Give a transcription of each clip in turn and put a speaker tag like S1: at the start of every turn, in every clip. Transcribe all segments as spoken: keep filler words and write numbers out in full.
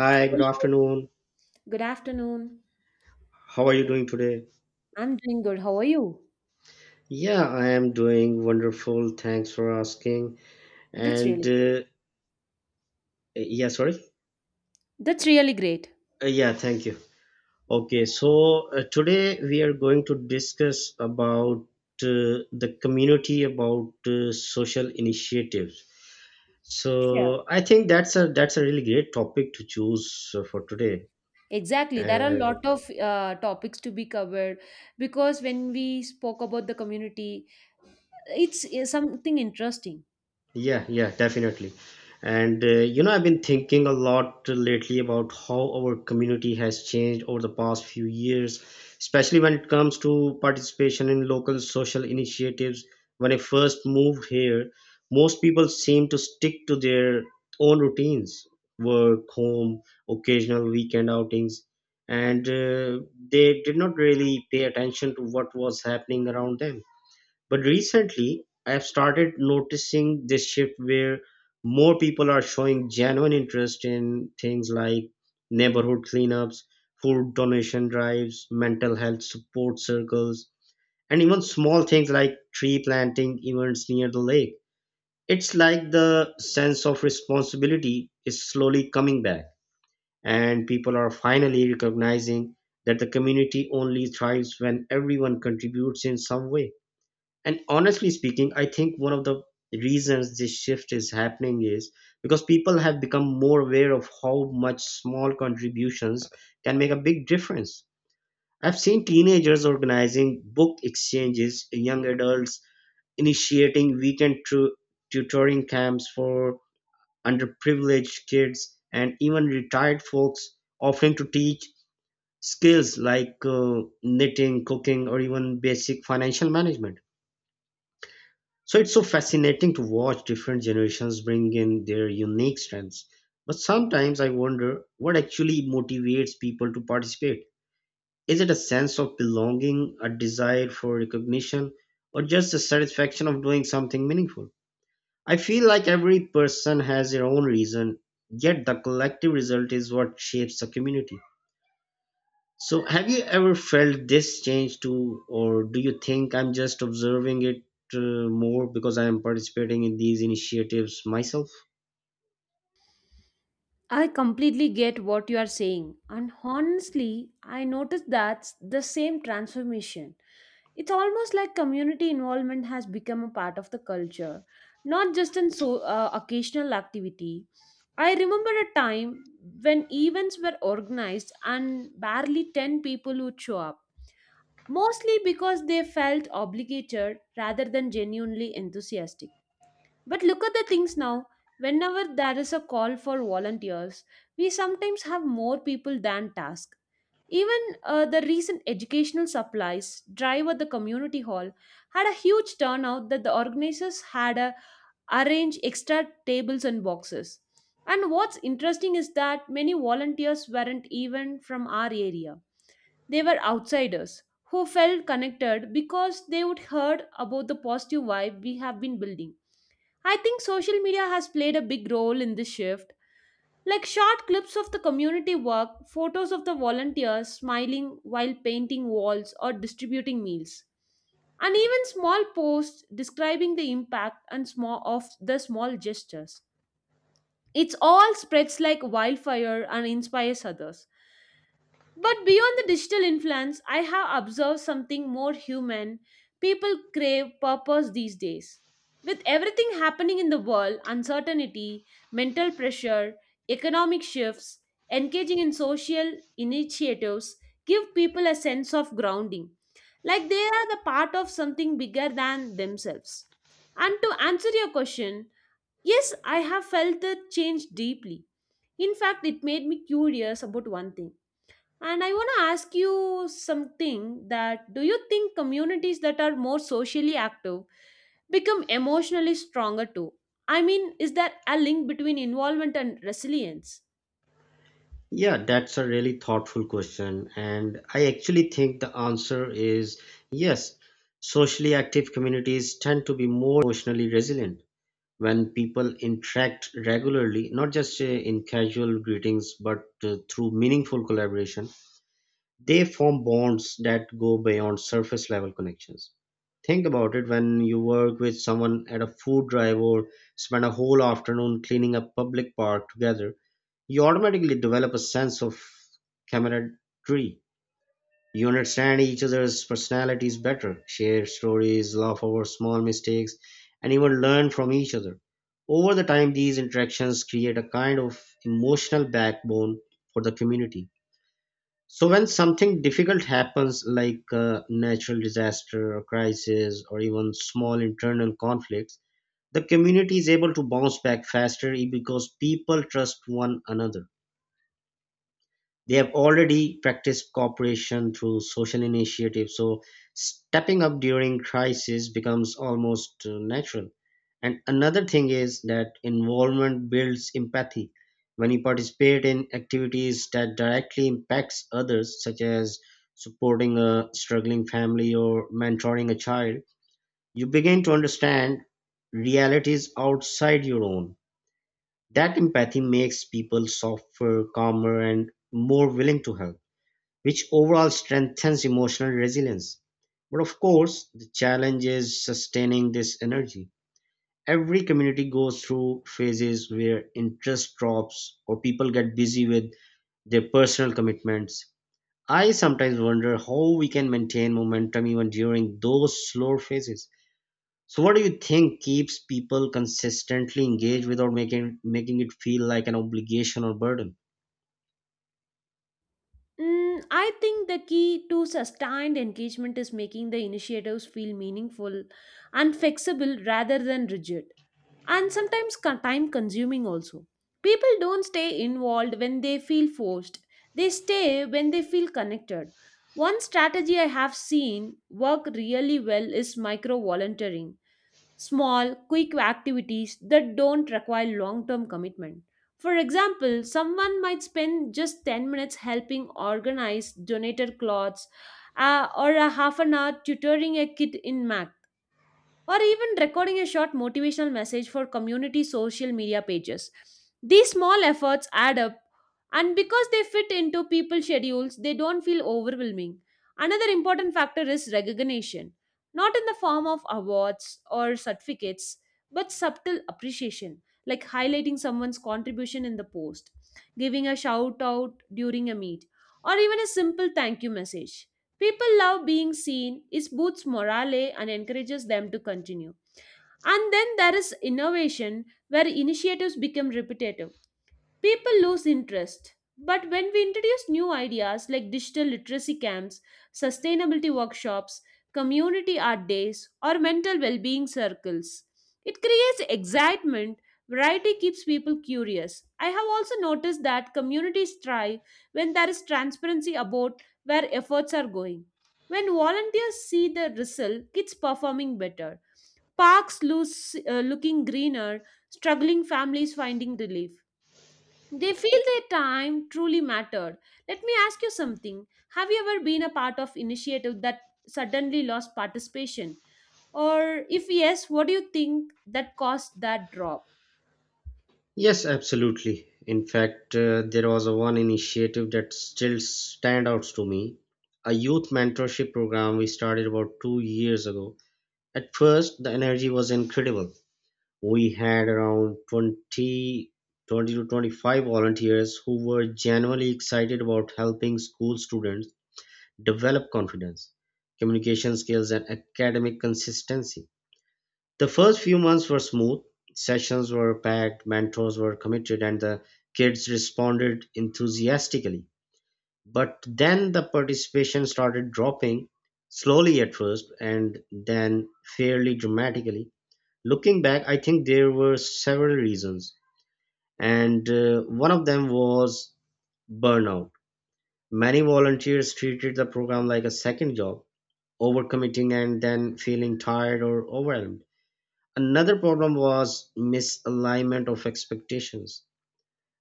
S1: Hi, good
S2: Hello.
S1: afternoon.
S2: Good afternoon.
S1: How are you doing today?
S2: I'm doing good. How are you?
S1: Yeah, I am doing wonderful. Thanks for asking.
S2: That's
S1: And
S2: really
S1: uh, yeah, sorry.
S2: that's really great.
S1: Uh, yeah, thank you. Okay, so uh, today we are going to discuss about uh, the community about uh, social initiatives.
S2: Sure.
S1: So I think that's a that's a really great topic to choose uh, for today.
S2: Exactly. There are a
S1: And
S2: lot of uh, topics to be covered because when we spoke about the community, it's, it's something interesting.
S1: Yeah, yeah, definitely. And uh, you know, I've been thinking a lot lately about how our community has changed over the past few years, especially when it comes to participation in local social initiatives. When I first moved here, most people seemed to stick to their own routines, work, home, occasional weekend outings, and uh, they did not really pay attention to what was happening around them. But recently, I've started noticing this shift where more people are showing genuine interest in things like neighborhood cleanups, food donation drives, mental health support circles, and even small things like tree planting events near the lake. It's like the sense of responsibility is slowly coming back, and people are finally recognizing that the community only thrives when everyone contributes in some way. And honestly speaking, I think one of the reasons this shift is happening is because people have become more aware of how much small contributions can make a big difference. I've seen teenagers organizing book exchanges, young adults initiating weekend tu- tutoring camps for underprivileged kids, and even retired folks offering to teach skills like uh, knitting, cooking, or even basic financial management. So it's so fascinating to watch different generations bring in their unique strengths. But sometimes I wonder what actually motivates people to participate. Is it a sense of belonging, a desire for recognition, or just the satisfaction of doing something meaningful? I feel like every person has their own reason, yet the collective result is what shapes the community. So, have you ever felt this change too, or do you think I'm just observing it uh, more because I am participating in these initiatives myself?
S2: I completely get what you are saying, and honestly, I noticed that's the same transformation. It's almost like community involvement has become a part of the culture, not just an so uh, occasional activity. I remember a time when events were organized and barely ten people would show up, mostly because they felt obligated rather than genuinely enthusiastic. But look at the things now. Whenever there is a call for volunteers, we sometimes have more people than task. Even uh, the recent educational supplies drive at the community hall had a huge turnout that the organizers had uh, arranged extra tables and boxes. And what's interesting is that many volunteers weren't even from our area. They were outsiders who felt connected because they would heard about the positive vibe we have been building. I think social media has played a big role in this shift. Like short clips of the community work, photos of the volunteers smiling while painting walls or distributing meals, and even small posts describing the impact and small of the small gestures. It all spreads like wildfire and inspires others. But beyond the digital influence, I have observed something more human. People crave purpose these days. With everything happening in the world, uncertainty, mental pressure, economic shifts, engaging in social initiatives give people a sense of grounding, like they are the part of something bigger than themselves. And to answer your question, yes, I have felt the change deeply. In fact, it made me curious about one thing, and I want to ask you something: that do you think communities that are more socially active become emotionally stronger too? I mean, is there a link between involvement and resilience?
S1: Yeah, that's a really thoughtful question, and I actually think the answer is yes. Socially active communities tend to be more emotionally resilient when people interact regularly, not just uh, in casual greetings, but uh, through meaningful collaboration. They form bonds that go beyond surface level connections. Think about it. When you work with someone at a food drive or spend a whole afternoon cleaning a public park together, you automatically develop a sense of camaraderie. You understand each other's personalities better, share stories, laugh over small mistakes, and even learn from each other. Over the time, these interactions create a kind of emotional backbone for the community, so when something difficult happens, like a natural disaster, or crisis, or even small internal conflicts, the community is able to bounce back faster because people trust one another. They have already practiced cooperation through social initiatives, so stepping up during crisis becomes almost uh, natural. And another thing is that involvement builds empathy. When you participate in activities that directly impacts others, such as supporting a struggling family or mentoring a child, you begin to understand realities outside your own. That empathy makes people softer, calmer, and more willing to help, which overall strengthens emotional resilience. But of course, the challenge is sustaining this energy. Every community goes through phases where interest drops or people get busy with their personal commitments. I sometimes wonder how we can maintain momentum even during those slower phases. So, what do you think keeps people consistently engaged without making making it feel like an obligation or burden?
S2: Mm, I think the key to sustained engagement is making the initiatives feel meaningful and flexible rather than rigid, and sometimes time consuming also. People don't stay involved when they feel forced, they stay when they feel connected. One strategy I have seen work really well is micro volunteering small, quick activities that don't require long term commitment. For example, someone might spend just ten minutes helping organize donated clothes, uh, or a half an hour tutoring a kid in math, or even recording a short motivational message for community social media pages. These small efforts add up, and because they fit into people's schedules, they don't feel overwhelming. Another important factor is recognition, not in the form of awards or certificates, but subtle appreciation, like highlighting someone's contribution in the post, giving a shout out during a meet, or even a simple thank you message. People love being seen. It boosts morale and encourages them to continue. And then there is innovation where initiatives become repetitive. People lose interest. But when we introduce new ideas like digital literacy camps, sustainability workshops, community art days, or mental well being circles, it creates excitement. Variety keeps people curious. I have also noticed that communities thrive when there is transparency about where efforts are going. When volunteers see the result, kids performing better, parks lose, uh, looking greener, struggling families finding relief. They feel their time truly mattered. Let me ask you something. Have you ever been a part of initiative that suddenly lost participation? Or if yes, what do you think that caused that drop?
S1: Yes, absolutely. In fact, uh, there was a one initiative that still stand out to me. A youth mentorship program we started about two years ago. At first, the energy was incredible. We had around twenty, twenty to twenty-five volunteers who were genuinely excited about helping school students develop confidence, communication skills, and academic consistency. The first few months were smooth. Sessions were packed, mentors were committed, and the kids responded enthusiastically. But then the participation started dropping, slowly at first, and then fairly dramatically. Looking back, I think there were several reasons, and uh, one of them was burnout. Many volunteers treated the program like a second job, overcommitting and then feeling tired or overwhelmed. Another problem was misalignment of expectations.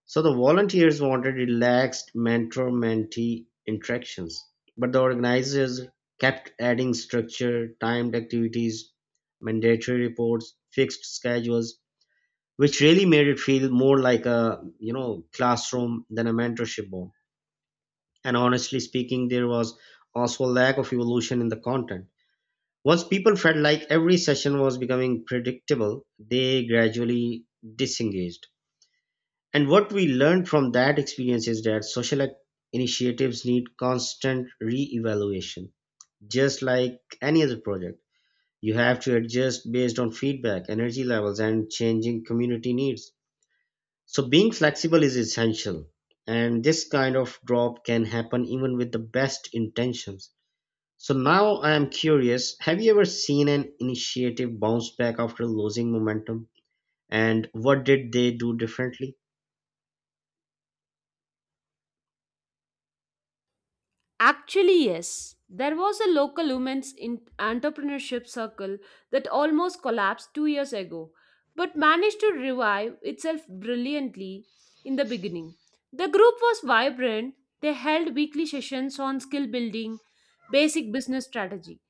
S1: So the volunteers wanted relaxed mentor mentee interactions, but the organizers kept adding structure, timed activities, mandatory reports, fixed schedules, which really made it feel more like a you know classroom than a mentorship board. And honestly speaking, there was also a lack of evolution in the content. Once people felt like every session was becoming predictable, they gradually disengaged. And what we learned from that experience is that social ac- initiatives need constant re-evaluation, just like any other project. You have to adjust based on feedback, energy levels, and changing community needs. So being flexible is essential, and this kind of drop can happen even with the best intentions. So now I am curious, have you ever seen an initiative bounce back after losing momentum? And what did they do differently?
S2: Actually, yes. There was a local women's in- entrepreneurship circle that almost collapsed two years ago, but managed to revive itself brilliantly in the beginning. The group was vibrant. They held weekly sessions on skill building, basic business strategy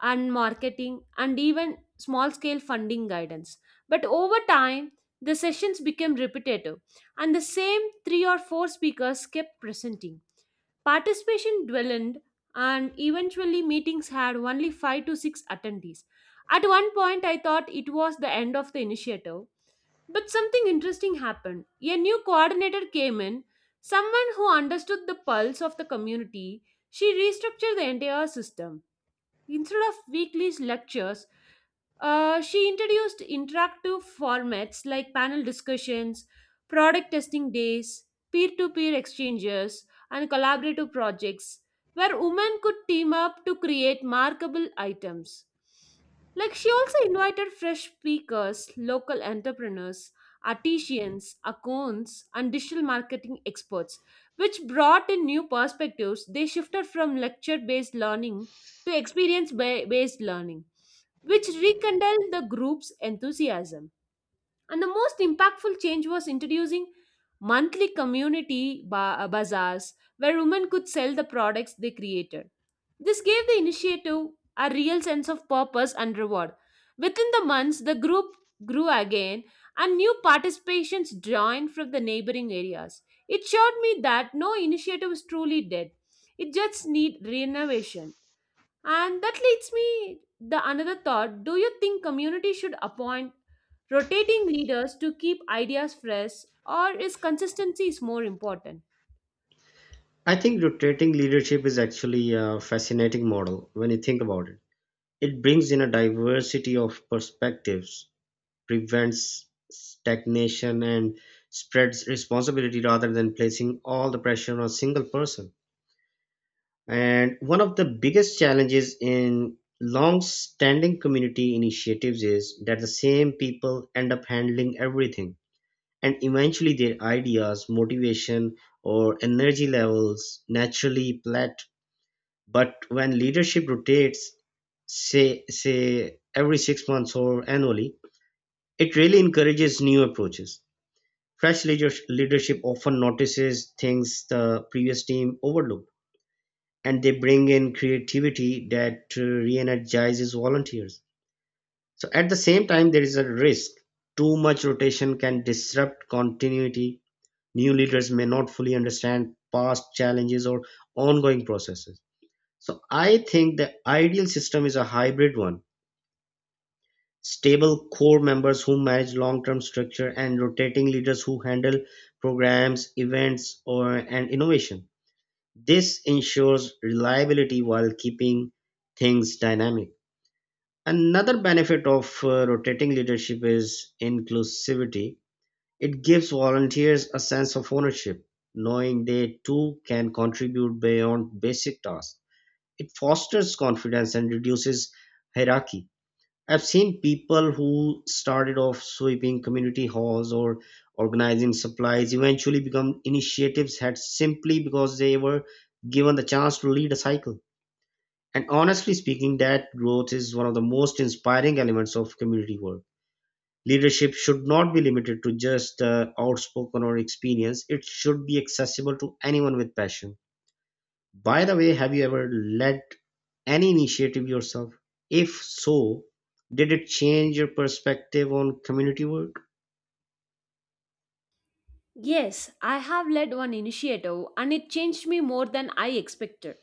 S2: and marketing and even small scale funding guidance. But over time, the sessions became repetitive and the same three or four speakers kept presenting. Participation dwindled and eventually meetings had only five to six attendees. At one point, I thought it was the end of the initiative. But something interesting happened. A new coordinator came in, someone who understood the pulse of the community. She restructured the entire system. Instead of weekly lectures, uh, she introduced interactive formats like panel discussions, product testing days, peer to peer exchanges, and collaborative projects where women could team up to create markable items. Like, she also invited fresh speakers, local entrepreneurs, artisans, accounts, and digital marketing experts, which brought in new perspectives. They shifted from lecture based learning to experience ba- based learning, which rekindled the group's enthusiasm. And the most impactful change was introducing monthly community ba- uh, bazaars where women could sell the products they created. This gave the initiative a real sense of purpose and reward. Within the months, the group grew again and new participations joined from the neighboring areas. It showed me that no initiative is truly dead. It just needs renovation. And that leads me the another thought. Do you think community should appoint rotating leaders to keep ideas fresh, or is consistency is more important?
S1: I think rotating leadership is actually a fascinating model when you think about it. It brings in a diversity of perspectives, prevents stagnation, and spreads responsibility rather than placing all the pressure on a single person. And one of the biggest challenges in long standing community initiatives is that the same people end up handling everything. And eventually, their ideas, motivation, or energy levels naturally plat. But when leadership rotates, say, say every six months or annually, it really encourages new approaches. Fresh leader- leadership often notices things the previous team overlooked, and they bring in creativity that uh, re-energizes volunteers. So at the same time, there is a risk. Too much rotation can disrupt continuity. New leaders may not fully understand past challenges or ongoing processes, so I think the ideal system is a hybrid one: stable core members who manage long-term structure, and rotating leaders who handle programs, events, or and innovation. This ensures reliability while keeping things dynamic. Another benefit of uh, rotating leadership is inclusivity. It gives volunteers a sense of ownership, knowing they too can contribute beyond basic tasks. It fosters confidence and reduces hierarchy. I've seen people who started off sweeping community halls or organizing supplies eventually become initiatives had simply because they were given the chance to lead a cycle. And honestly speaking, that growth is one of the most inspiring elements of community work. Leadership should not be limited to just the outspoken or experience. It should be accessible to anyone with passion. By the way, have you ever led any initiative yourself? If so, did it change your perspective on community work?
S2: Yes, I have led one initiative and it changed me more than I expected.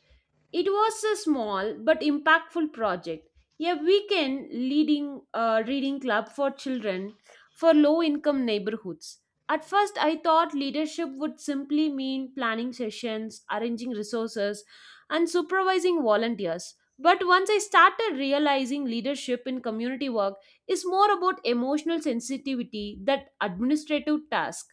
S2: It was a small but impactful project, a weekend leading uh, reading club for children for low income neighborhoods. At first, I thought leadership would simply mean planning sessions, arranging resources, and supervising volunteers. But once I started realizing leadership in community work is more about emotional sensitivity than administrative tasks,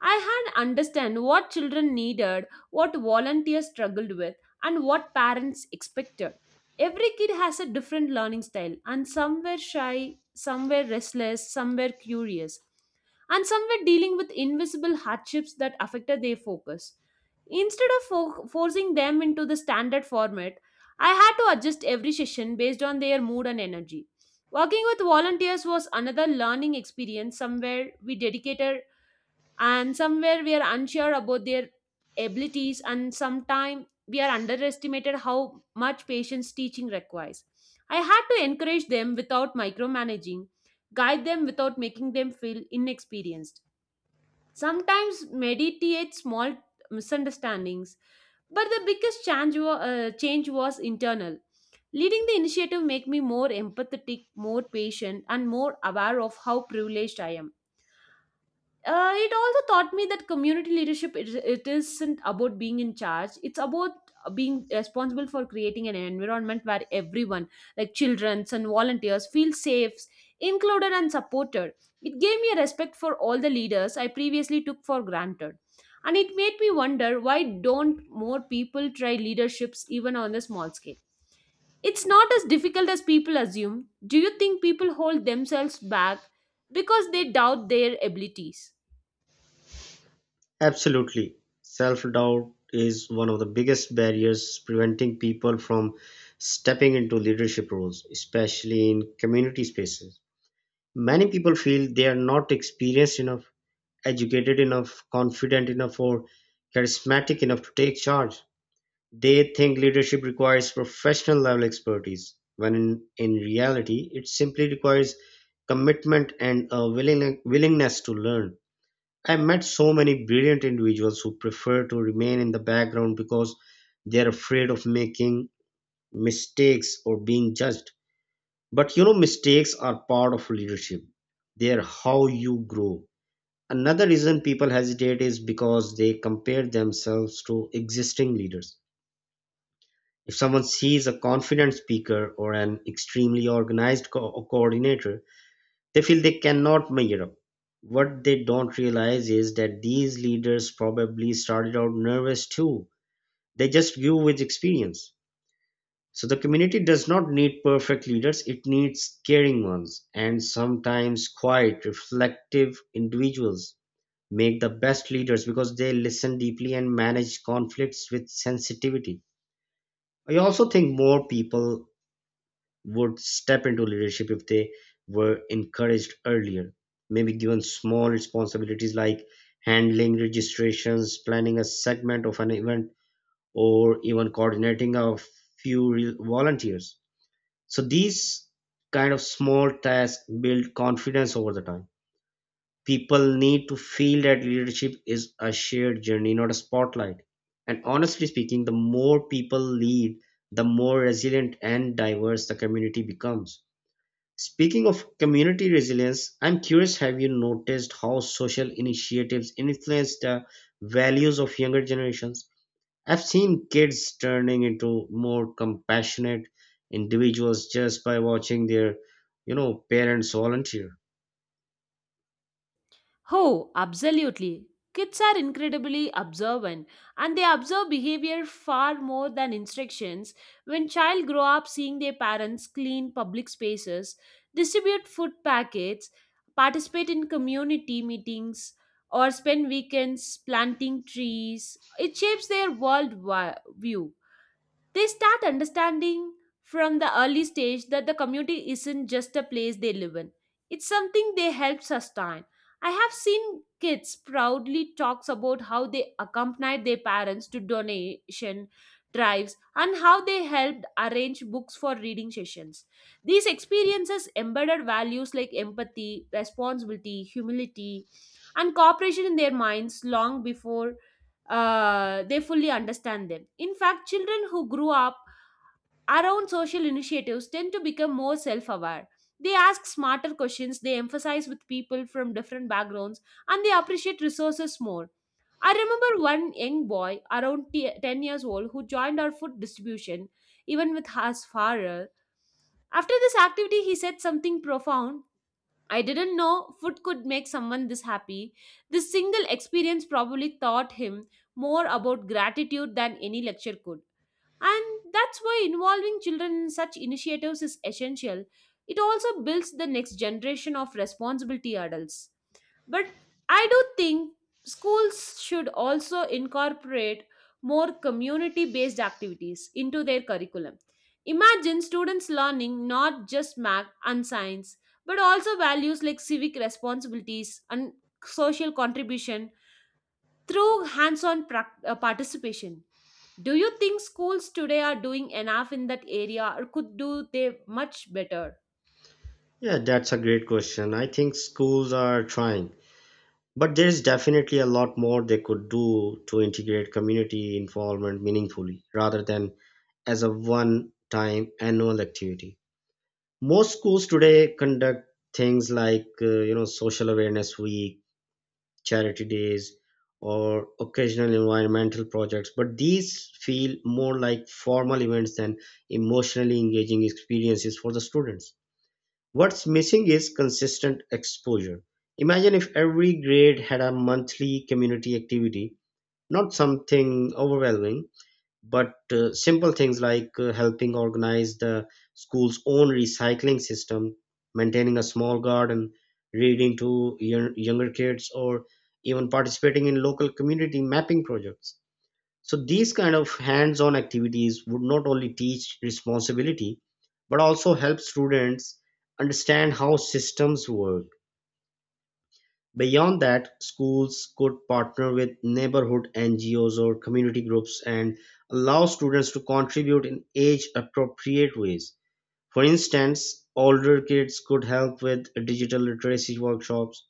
S2: I had understand what children needed, what volunteers struggled with, and what parents expected. Every kid has a different learning style, and some were shy, some were restless, some were curious, and some were dealing with invisible hardships that affected their focus. Instead of fo- forcing them into the standard format, I had to adjust every session based on their mood and energy. Working with volunteers was another learning experience. Somewhere we dedicated and somewhere we are unsure about their abilities, and sometimes we are underestimated how much patience teaching requires. I had to encourage them without micromanaging, guide them without making them feel inexperienced, sometimes mediate small misunderstandings. But the biggest change, wa- uh, change was internal. Leading the initiative made me more empathetic, more patient, and more aware of how privileged I am. Uh, it also taught me that community leadership, it, it isn't about being in charge. It's about being responsible for creating an environment where everyone, like children and volunteers, feel safe, included, and supported. It gave me a respect for all the leaders I previously took for granted. And it made me wonder, why don't more people try leaderships even on a small scale? It's not as difficult as people assume. Do you think people hold themselves back because they doubt their abilities?
S1: Absolutely. Self doubt is one of the biggest barriers preventing people from stepping into leadership roles, especially in community spaces. Many people feel they are not experienced enough, educated enough, confident enough, or charismatic enough to take charge. They think leadership requires professional-level expertise, when in, in reality it simply requires commitment and a willing, willingness to learn. I met so many brilliant individuals who prefer to remain in the background because they're afraid of making mistakes or being judged. But you know, mistakes are part of leadership. They're how you grow. Another reason people hesitate is because they compare themselves to existing leaders. If someone sees a confident speaker or an extremely organized co- coordinator, they feel they cannot measure up. What they don't realize is that these leaders probably started out nervous too. They just grew with experience. So the community does not need perfect leaders, it needs caring ones. And sometimes quiet, reflective individuals make the best leaders because they listen deeply and manage conflicts with sensitivity. I also think more people would step into leadership if they were encouraged earlier, maybe given small responsibilities like handling registrations, planning a segment of an event, or even coordinating a few re- volunteers. So these kind of small tasks build confidence over the time. People need to feel that leadership is a shared journey, not a spotlight. And honestly speaking, the more people lead, the more resilient and diverse the community becomes. Speaking of community resilience, I'm curious, have you noticed how social initiatives influence the values of younger generations? I've seen kids turning into more compassionate individuals just by watching their, you know, parents volunteer.
S2: Oh, absolutely. Kids are incredibly observant and they observe behavior far more than instructions. When child grow up seeing their parents clean public spaces, distribute food packets, participate in community meetings, or spend weekends planting trees, it shapes their world wi- view. They start understanding from the early stage that the community isn't just a place they live in. It's something they help sustain. I have seen kids proudly talks about how they accompanied their parents to donation drives and how they helped arrange books for reading sessions. These experiences embedded values like empathy, responsibility, humility, and cooperation in their minds long before uh, they fully understand them. In fact, children who grew up around social initiatives tend to become more self aware. They ask smarter questions, they emphasize with people from different backgrounds, and they appreciate resources more. I remember one young boy around t- ten years old who joined our food distribution, even with his father. After this activity, he said something profound: I didn't know food could make someone this happy. This single experience probably taught him more about gratitude than any lecture could. And that's why involving children in such initiatives is essential. It also builds the next generation of responsibility adults. But I do think schools should also incorporate more community based activities into their curriculum. Imagine students learning not just math and science, but also values like civic responsibilities and social contribution through hands on participation. Do you think schools today are doing enough in that area, or could do they much better?
S1: Yeah, that's a great question. I think schools are trying, but there is definitely a lot more they could do to integrate community involvement meaningfully rather than as a one time annual activity. Most schools today conduct things like uh, you know social awareness week, charity days, or occasional environmental projects, but these feel more like formal events than emotionally engaging experiences for the students. What's missing is consistent exposure. Imagine if every grade had a monthly community activity, not something overwhelming but uh, simple things like uh, helping organize the school's own recycling system, maintaining a small garden, reading to young, younger kids, or even participating in local community mapping projects. So these kind of hands-on activities would not only teach responsibility but also help students understand how systems work. Beyond that, schools could partner with neighborhood N G Os or community groups and allow students to contribute in age appropriate ways. For instance, older kids could help with digital literacy workshops,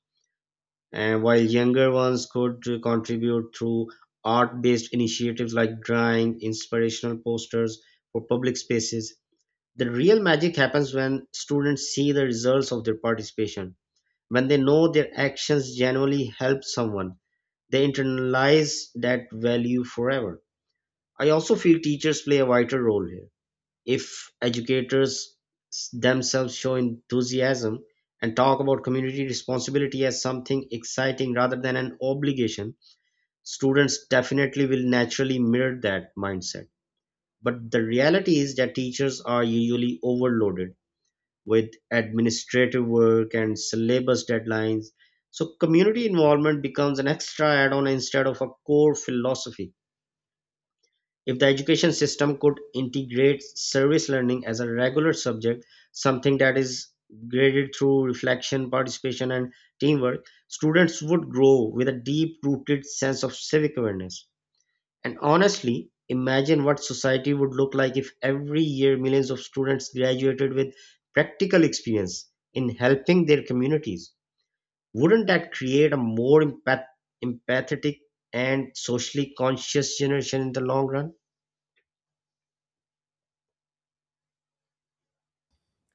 S1: and while younger ones could uh, contribute through art based initiatives like drawing inspirational posters for public spaces. The real magic happens when students see the results of their participation. When they know their actions genuinely help someone, they internalize that value forever. I also feel teachers play a vital role here. If educators s- themselves show enthusiasm and talk about community responsibility as something exciting rather than an obligation, students definitely will naturally mirror that mindset. But the reality is that teachers are usually overloaded with administrative work and syllabus deadlines. So, community involvement becomes an extra add on instead of a core philosophy. If the education system could integrate service learning as a regular subject, something that is graded through reflection, participation, and teamwork, students would grow with a deep rooted sense of civic awareness. And honestly, imagine what society would look like if every year millions of students graduated with practical experience in helping their communities. Wouldn't that create a more empath- empathetic and socially conscious generation in the long run?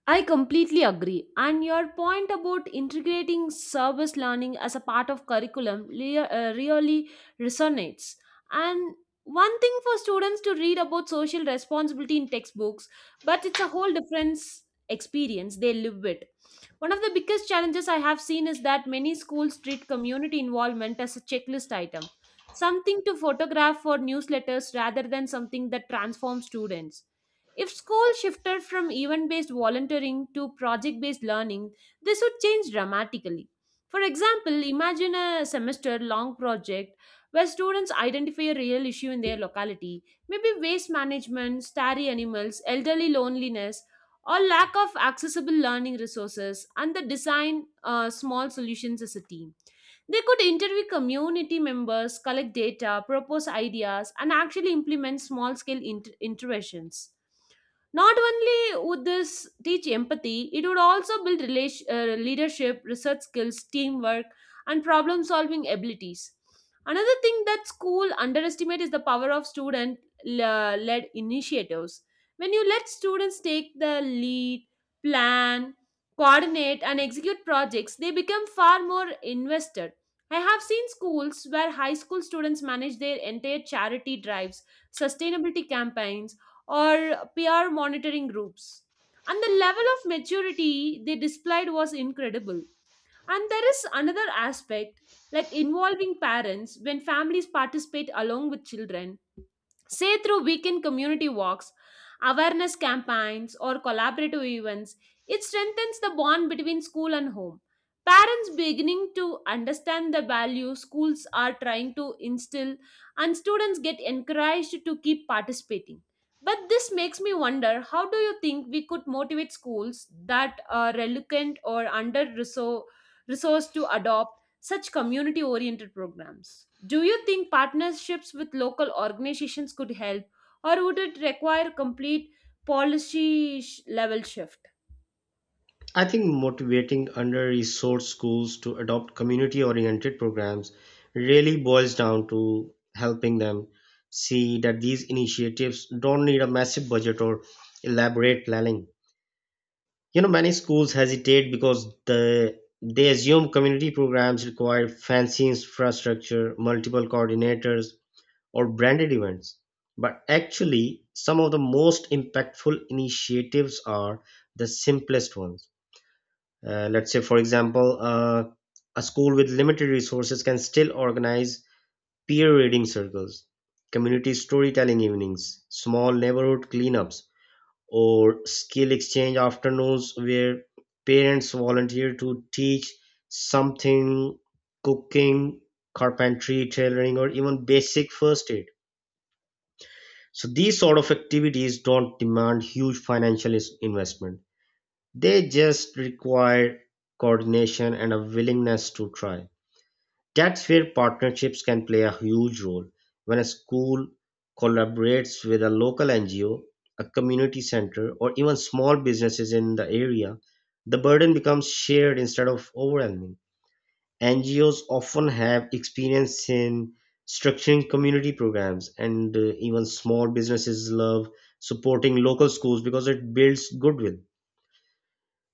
S2: I completely agree. And your point about integrating service learning as a part of curriculum lea- uh, really resonates. And one thing for students to read about social responsibility in textbooks, but it's a whole different s- experience they live with. One of the biggest challenges I have seen is that many schools treat community involvement as a checklist item, something to photograph for newsletters rather than something that transforms students. If school shifted from event based volunteering to project based learning, this would change dramatically. For example, imagine a semester long project where students identify a real issue in their locality, maybe waste management, starry animals, elderly loneliness, or lack of accessible learning resources, and they design uh, small solutions as a team. They could interview community members, collect data, propose ideas, and actually implement small scale interventions. Not only would this teach empathy, it would also build relation, uh, leadership, research skills, teamwork, and problem solving abilities. Another thing that school underestimate is the power of student le- led initiatives. When you let students take the lead, plan, coordinate, and execute projects, they become far more invested. I have seen schools where high school students manage their entire charity drives, sustainability campaigns, or peer monitoring groups. And the level of maturity they displayed was incredible. And there is another aspect, like involving parents when families participate along with children, say through weekend community walks, awareness campaigns, or collaborative events, it strengthens the bond between school and home. Parents beginning to understand the value schools are trying to instill, and students get encouraged to keep participating. But this makes me wonder, how do you think we could motivate schools that are reluctant or under resourced to adopt such community oriented programs? Do you think partnerships with local organizations could help, or would it require complete policy sh- level shift?
S1: I think motivating under resourced schools to adopt community oriented programs really boils down to helping them see that these initiatives don't need a massive budget or elaborate planning. You know, many schools hesitate because the they assume community programs require fancy infrastructure, multiple coordinators, or branded events. But actually, some of the most impactful initiatives are the simplest ones. Uh, let's say, for example, uh, a school with limited resources can still organize peer reading circles, community storytelling evenings, small neighborhood cleanups, or skill exchange afternoons where parents volunteer to teach something: cooking, carpentry, tailoring, or even basic first aid. So these sort of activities don't demand huge financial is- investment. They just require coordination and a willingness to try. That's where partnerships can play a huge role. When a school collaborates with a local N G O, a community center, or even small businesses in the area, the burden becomes shared instead of overwhelming. N G Os often have experience in structuring community programs, and uh, even small businesses love supporting local schools because it builds goodwill.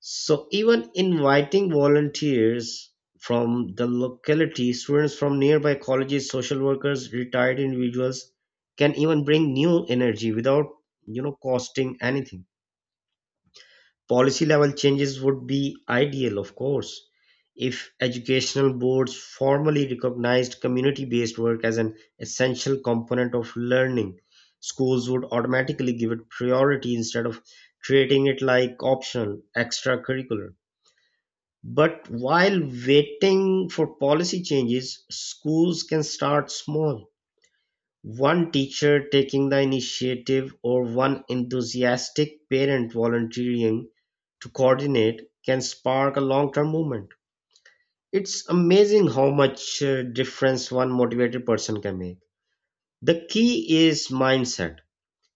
S1: So even inviting volunteers from the locality, students from nearby colleges, social workers, retired individuals, can even bring new energy without, you know, costing anything. Policy level changes would be ideal, of course. If educational boards formally recognized community-based work as an essential component of learning, schools would automatically give it priority instead of treating it like optional extracurricular. But while waiting for policy changes, schools can start small. One teacher taking the initiative or one enthusiastic parent volunteering to coordinate can spark a long term movement. It's amazing how much uh, difference one motivated person can make. The key is mindset,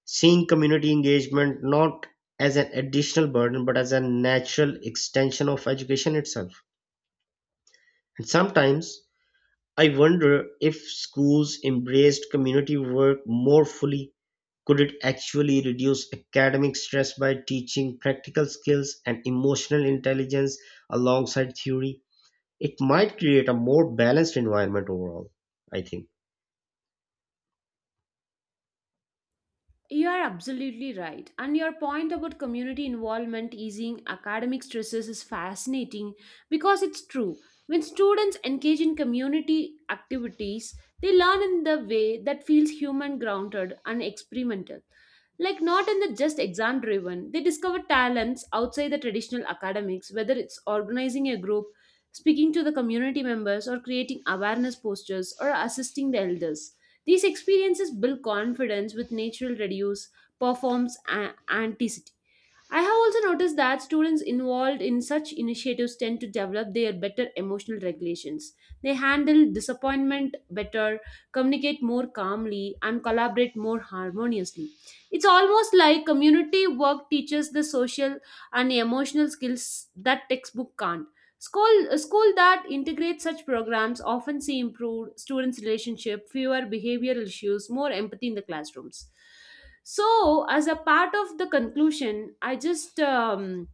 S1: seeing community engagement not as an additional burden but as a natural extension of education itself. And sometimes I wonder, if schools embraced community work more fully, could it actually reduce academic stress by teaching practical skills and emotional intelligence alongside theory? It might create a more balanced environment overall, I think.
S2: You are absolutely right. And your point about community involvement easing academic stresses is fascinating because it's true. When students engage in community activities, they learn in the way that feels human grounded and experimental. Like, not in the just exam driven, they discover talents outside the traditional academics, whether it's organizing a group, speaking to the community members, or creating awareness posters, or assisting the elders. These experiences build confidence with natural reduce, performs a- anticity. I have also noticed that students involved in such initiatives tend to develop their better emotional regulations. They handle disappointment better, communicate more calmly, and collaborate more harmoniously. It's almost like community work teaches the social and emotional skills that textbook can't. School, a school that integrates such programs often see improved students' relationship, fewer behavioral issues, more empathy in the classrooms. So, as a part of the conclusion, I just um,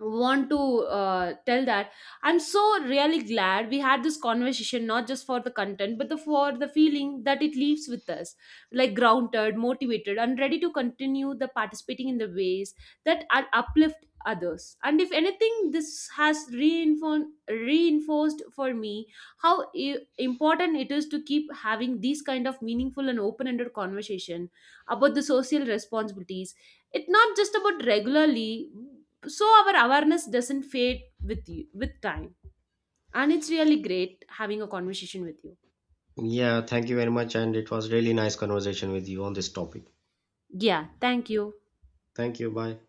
S2: want to uh, tell that I'm so really glad we had this conversation, not just for the content but the, for the feeling that it leaves with us, like grounded, motivated, and ready to continue the participating in the ways that are uplift others. And if anything, this has reinforced reinforced for me how i- important it is to keep having these kind of meaningful and open-ended conversation about the social responsibilities. It's not just about regularly so our awareness doesn't fade with you with time. And it's really great having a conversation with you.
S1: Yeah, thank you very much. And it was really nice conversation with you on this topic.
S2: Yeah, thank you.
S1: Thank you. Bye.